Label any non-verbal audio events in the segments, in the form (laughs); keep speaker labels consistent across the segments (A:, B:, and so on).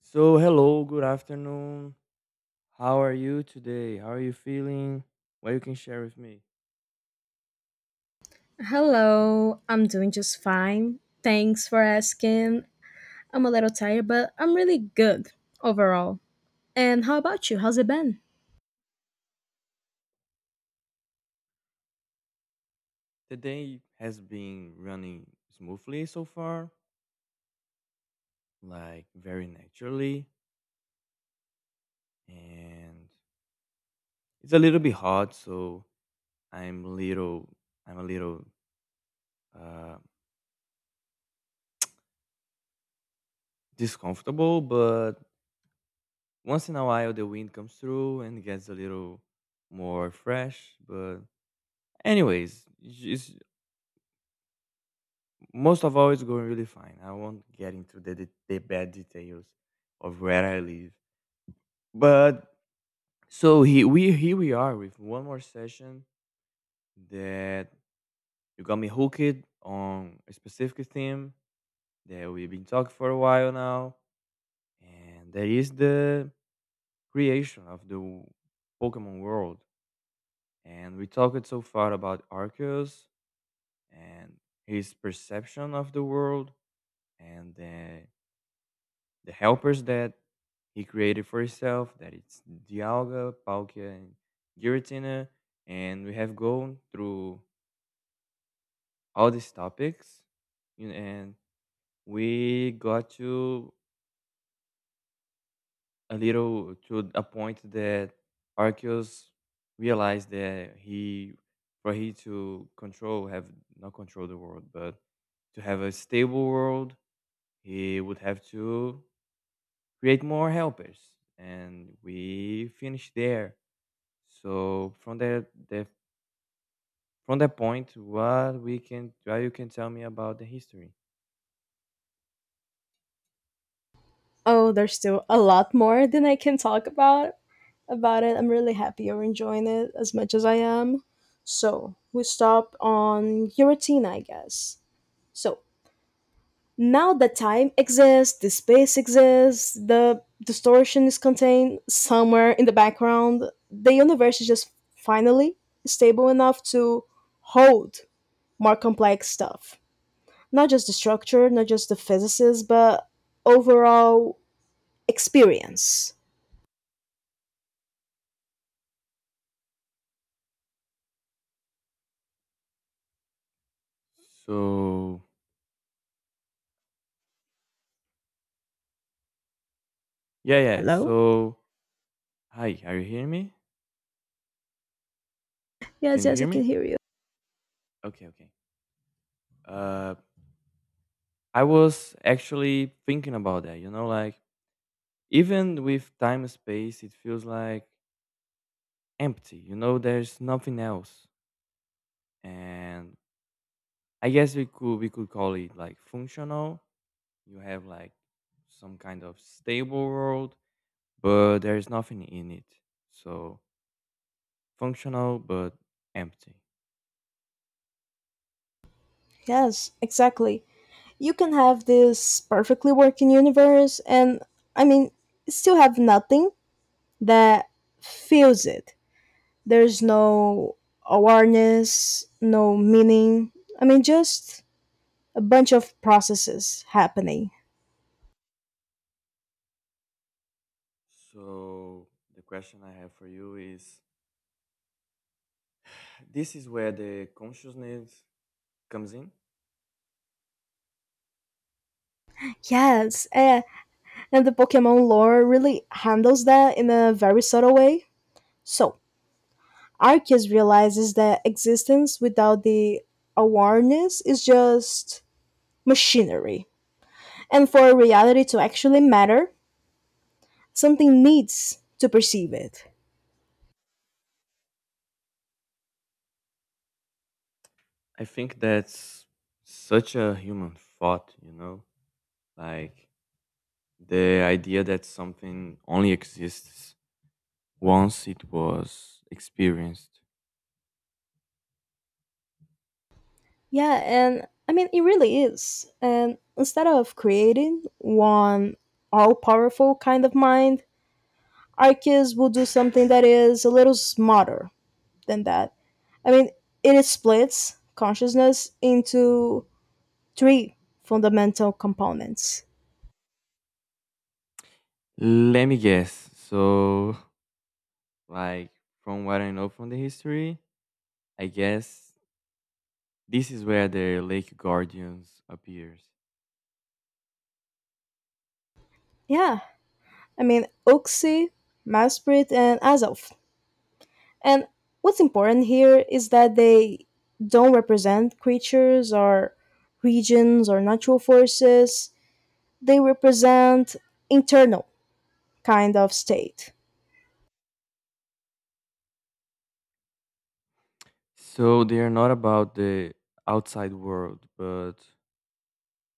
A: So, hello, good afternoon. How are you today? How are you feeling? What you can share with me?
B: Hello, I'm doing just fine. Thanks for asking. I'm a little tired, but I'm really good overall. And how about you? How's it been?
A: The day has been running smoothly so far, like very naturally, and it's a little bit hot, so I'm a little I'm a little uh discomfortable, but once in a while the wind comes through and gets a little more fresh, but anyways, it's most of all, it's going really fine. I won't get into the bad details of where I live, but so he we here we are with one more session that you got me hooked on a specific theme that we've been talking for a while now, and that is the creation of the Pokemon world. And we talked so far about Arceus and his perception of the world and the helpers that he created for himself. That it's Dialga, Palkia, and Giratina, and we have gone through all these topics, and we got to a little to a point that Arceus realized that he, for he to control, have not control the world, but to have a stable world, he would have to create more helpers. And we finished there. So from that point, what you can tell me about the history.
B: Oh, there's still a lot more than I can talk about it. I'm really happy you're enjoying it as much as I am. So, we stop on your routine, I guess. So, now the time exists, the space exists, the distortion is contained somewhere in the background. The universe is just finally stable enough to hold more complex stuff. Not just the structure, not just the physicists, but overall experience.
A: So yeah, yeah.
B: Hello?
A: So hi, are you hearing me? Can
B: Yes,
A: you
B: yes,
A: hear
B: I can
A: me?
B: hear you.
A: Okay, okay. Uh, I was actually thinking about that. Like even with time and space, it feels like empty. You know, there's nothing else, and I guess we could call it like functional. You have like some kind of stable world but there is nothing in it. So functional but empty.
B: Yes, exactly. You can have this perfectly working universe and I mean still have nothing that feels it. There's no awareness, no meaning. I mean, just a bunch of processes happening.
A: So the question I have for you is this is where the consciousness comes in.
B: Yes, and the Pokemon lore really handles that in a very subtle way. So, Arceus realizes that existence without the awareness is just machinery. And for reality to actually matter, something needs to perceive it.
A: I think that's such a human thought, you know, like the idea that something only exists once it was experienced.
B: Yeah, and I mean, it really is. And instead of creating one all powerful kind of mind, Arceus will do something that is a little smarter than that. I mean, it splits consciousness into three fundamental components.
A: Let me guess. So, like, from what I know from the history, I guess this is where the Lake Guardians appears.
B: Yeah, I mean, Oxy, Masprit, and Azov. And what's important here is that they don't represent creatures or regions or natural forces, they represent internal kind of state.
A: So they are not about the outside world, but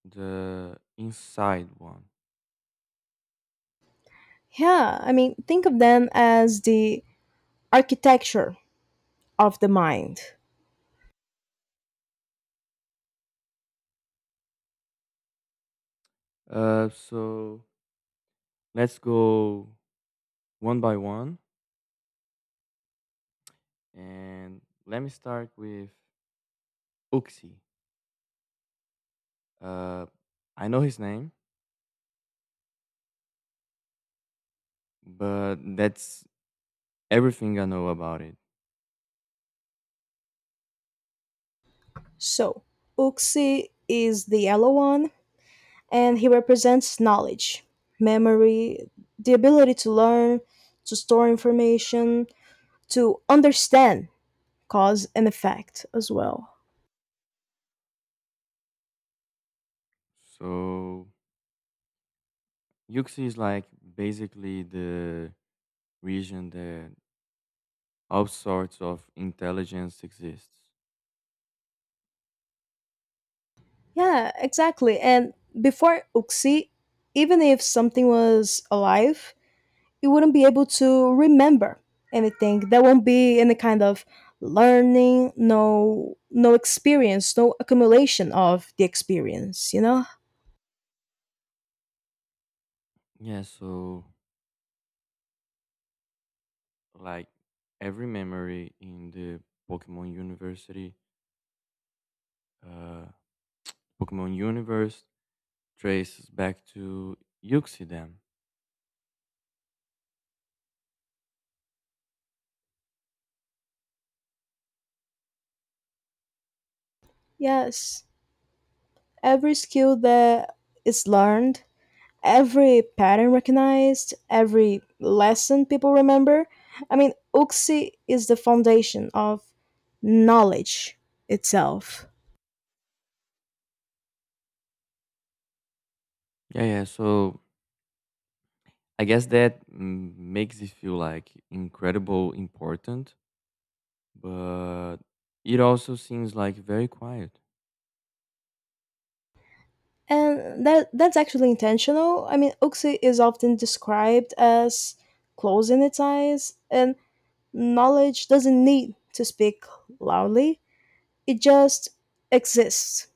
A: the inside one.
B: Yeah, I mean, think of them as the architecture of the mind.
A: So let's go one by one, and let me start with Uxie. Uh, I know his name, but that's everything I know about it.
B: So, Uxie is the yellow one, and he represents knowledge, memory, the ability to learn, to store information, to understand cause and effect as well.
A: So Yuxi is like basically the region that all sorts of intelligence exists.
B: Yeah, exactly. And before Uxie, even if something was alive, you wouldn't be able to remember anything. There won't be any kind of learning, no experience, no accumulation of the experience, you know?
A: Yeah, so like every memory in the Pokemon University, uh, Pokemon Universe traces back to Yuxi Dam.
B: Yes. Every skill that is learned, every pattern recognized, every lesson people remember. I mean, Uxie is the foundation of knowledge itself.
A: Yeah, yeah. So I guess that makes it feel like incredible important, but it also seems like very quiet.
B: And that's actually intentional. I mean, Oxy is often described as closing its eyes, and knowledge doesn't need to speak loudly. It just exists.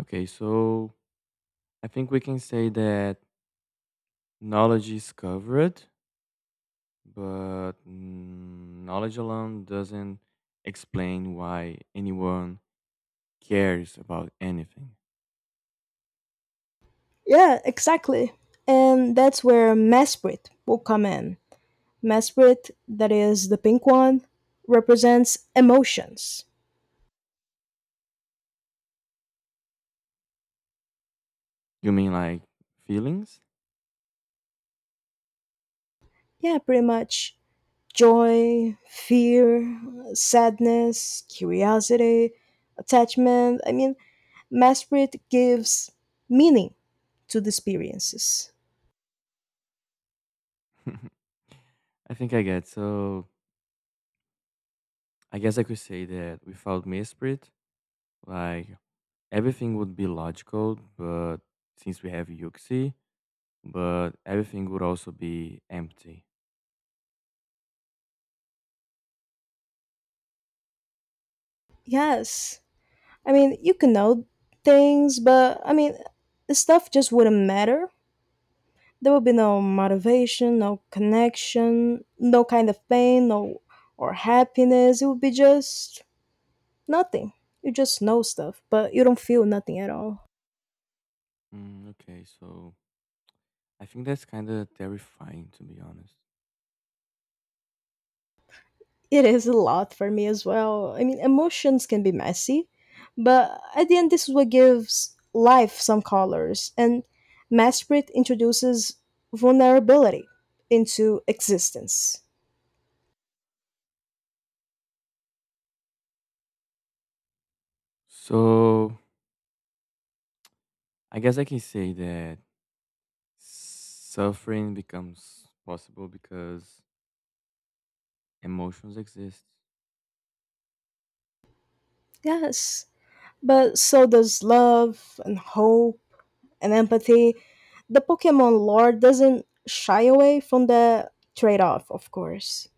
A: Okay, so I think we can say that knowledge is covered, but knowledge alone doesn't explain why anyone cares about anything.
B: Yeah, exactly. And that's where Mesprit will come in. Mesprit, that is the pink one, represents emotions.
A: You mean like feelings? (laughs)
B: Yeah, pretty much. Joy, fear, sadness, curiosity, attachment. I mean, Mesprit gives meaning to the experiences.
A: I think I get. So I guess I could say that without Mesprit, like everything would be logical, but since we have Yuxi, but everything would also be empty.
B: Yes. I mean, you can know things, but I mean, the stuff just wouldn't matter. There would be no motivation, no connection, no kind of pain, no or happiness. It would be just nothing. You just know stuff, but you don't feel nothing at all.
A: Okay, so I think that's kind of terrifying to be honest.
B: It is a lot for me as well. I mean, emotions can be messy, but at the end, this is what gives life some colors. And Masprit introduces vulnerability into existence.
A: So I guess I can say that suffering becomes possible because emotions exist.
B: Yes, but so does love and hope and empathy. The Pokemon lore doesn't shy away from the trade off, of course.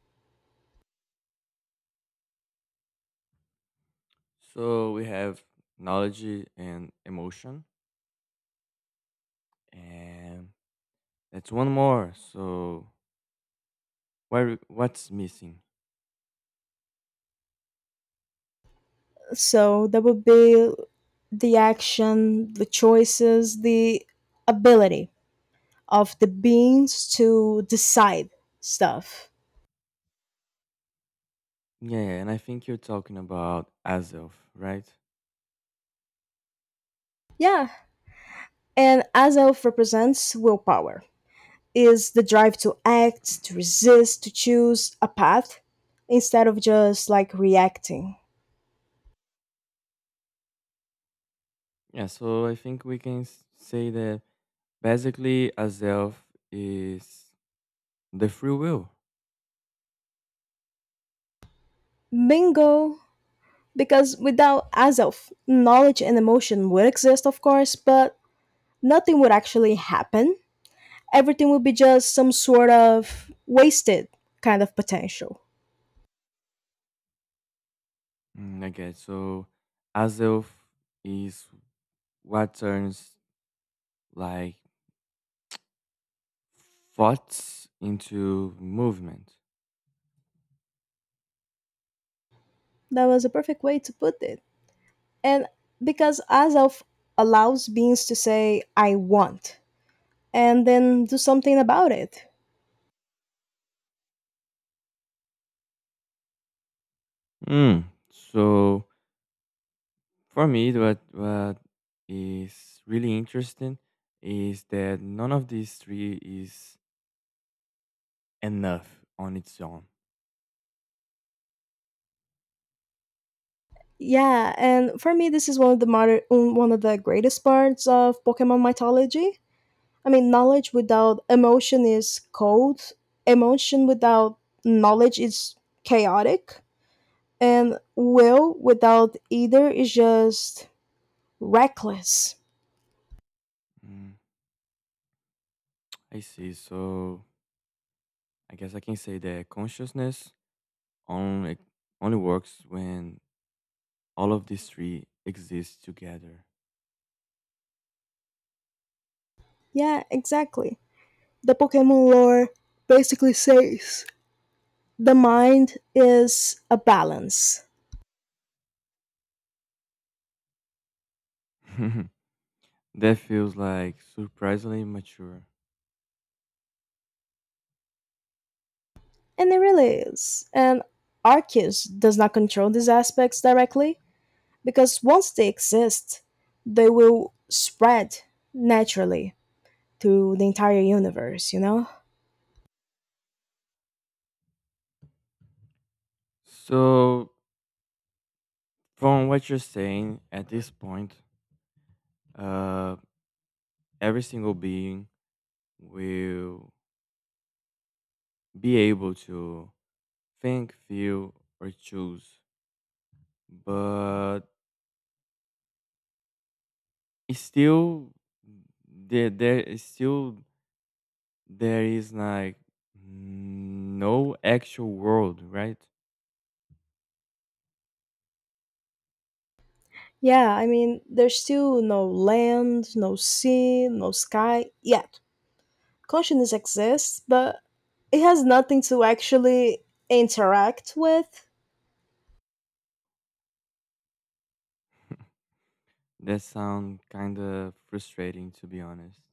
A: So we have knowledge and emotion, and that's one more. So where what's missing?
B: So that would be the action, the choices, the ability of the beings to decide stuff.
A: Yeah, and I think you're talking about Azov, right?
B: Yeah. And Azelf represents willpower, is the drive to act, to resist, to choose a path instead of just like reacting.
A: Yeah, so I think we can say that basically Azov is the free will.
B: Bingo! Because without Azelf, knowledge and emotion would exist, of course, but nothing would actually happen. Everything would be just some sort of wasted kind of potential.
A: Okay, so Azov is what turns like thoughts into movement.
B: That was a perfect way to put it. And because Azov allows beings to say, I want, and then do something about it.
A: Mm. So for me, what is really interesting is that none of these three is enough on its own.
B: Yeah, and for me, this is one of the one of the greatest parts of Pokemon mythology. I mean, knowledge without emotion is cold. Emotion without knowledge is chaotic, and will without either is just reckless.
A: Mm, I see. So I guess I can say that consciousness only only works when all of these three exist together.
B: Yeah, exactly. The Pokemon lore basically says the mind is a balance,
A: (laughs) That feels like surprisingly mature.
B: and it really is. And Arceus does not control these aspects directly because once they exist, they will spread naturally to the entire universe, you know?
A: So from what you're saying at this point, uh, every single being will be able to think, feel, or choose, but it's still there. There is still There is like no actual world, right?
B: Yeah, I mean, there's still no land, no sea, no sky yet. Consciousness exists, but it has nothing to actually interact with.
A: That sound kind of frustrating to be honest.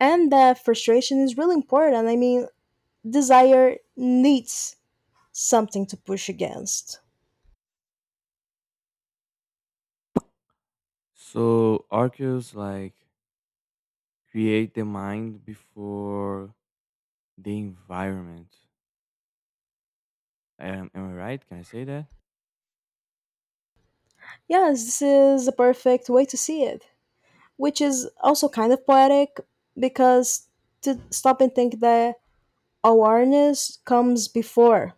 B: And that frustration is really important. I mean, desire needs something to push against.
A: So archaeos like create the mind before the environment. Am I right? Can I say that?
B: Yes, this is a perfect way to see it, which is also kind of poetic because to stop and think that awareness comes before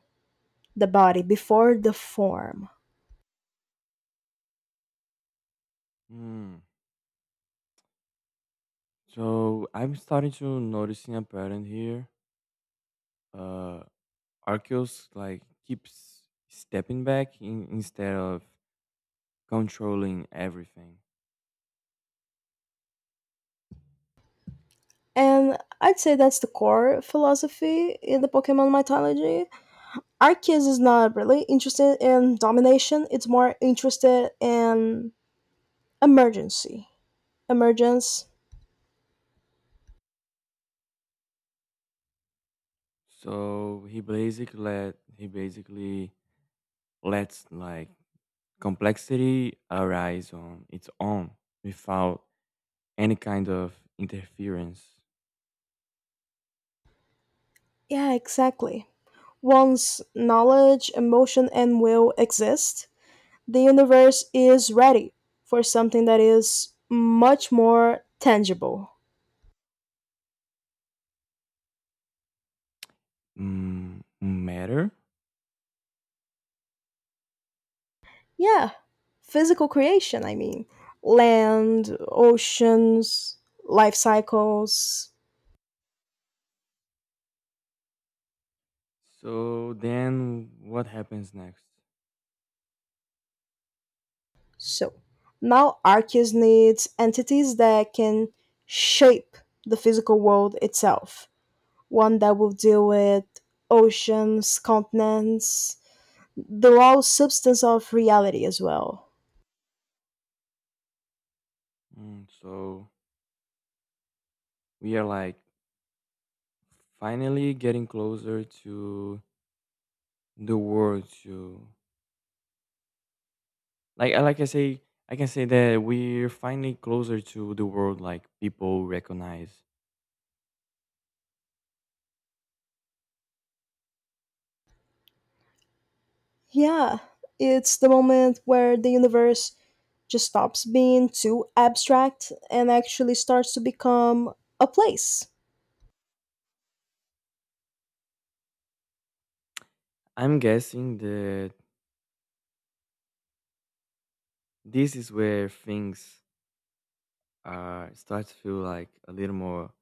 B: the body, before the form.
A: Hmm. So I'm starting to noticing a pattern here. Uh, archaeos like keeps stepping back in, instead of controlling everything.
B: And I'd say that's the core philosophy in the Pokemon mythology. Arceus is not really interested in domination, it's more interested in emergency. Emergence.
A: So he basically lets like complexity arise on its own without any kind of interference.
B: Yeah, exactly. Once knowledge, emotion, and will exist, the universe is ready for something that is much more tangible.
A: Matter.
B: Yeah, physical creation, I mean. Land, oceans, life cycles.
A: So then what happens next?
B: So now Arceus needs entities that can shape the physical world itself, one that will deal with oceans, continents, the raw substance of reality as well.
A: Mm, so we are like finally getting closer to the world to like I say I can say that we're finally closer to the world like people recognize.
B: Yeah, it's the moment where the universe just stops being too abstract and actually starts to become a place. (laughs)
A: I'm guessing that this is where things start to feel like a little more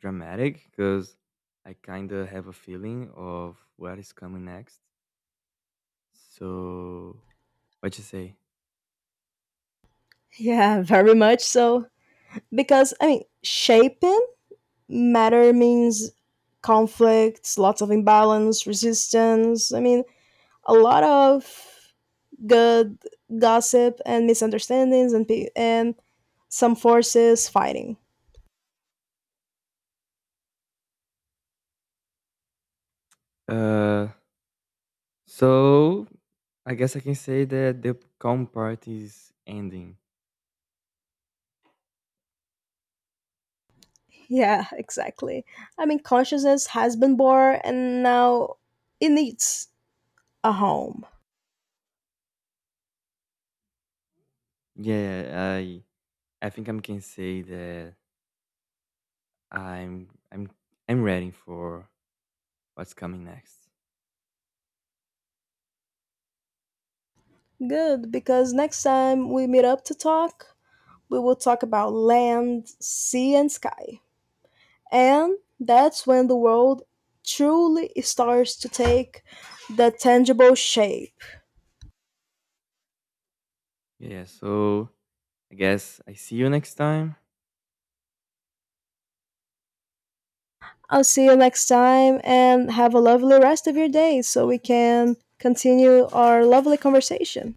A: dramatic because I kind of have a feeling of what is coming next. So, what you say?
B: Yeah, very much so. Because, I mean, shaping matter means conflicts, lots of imbalance, resistance. I mean, a lot of good gossip and misunderstandings and, and some forces fighting.
A: Uh, so I guess I can say that the calm part is ending.
B: Yeah, (laughs) exactly. I mean, consciousness has been born and now it needs a home.
A: Yeah, I think I can say that I'm I'm ready for what's coming next.
B: Good, because next time we meet up to talk, we will talk about land, sea, and sky. And that's when the world truly starts to take the tangible shape.
A: Yeah, so I guess I see you next time.
B: I'll see you next time and have a lovely rest of your day so we can continue our lovely conversation.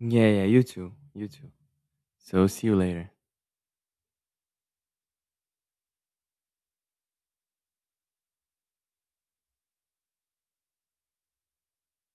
A: Yeah, yeah, you too. You too. So see you later.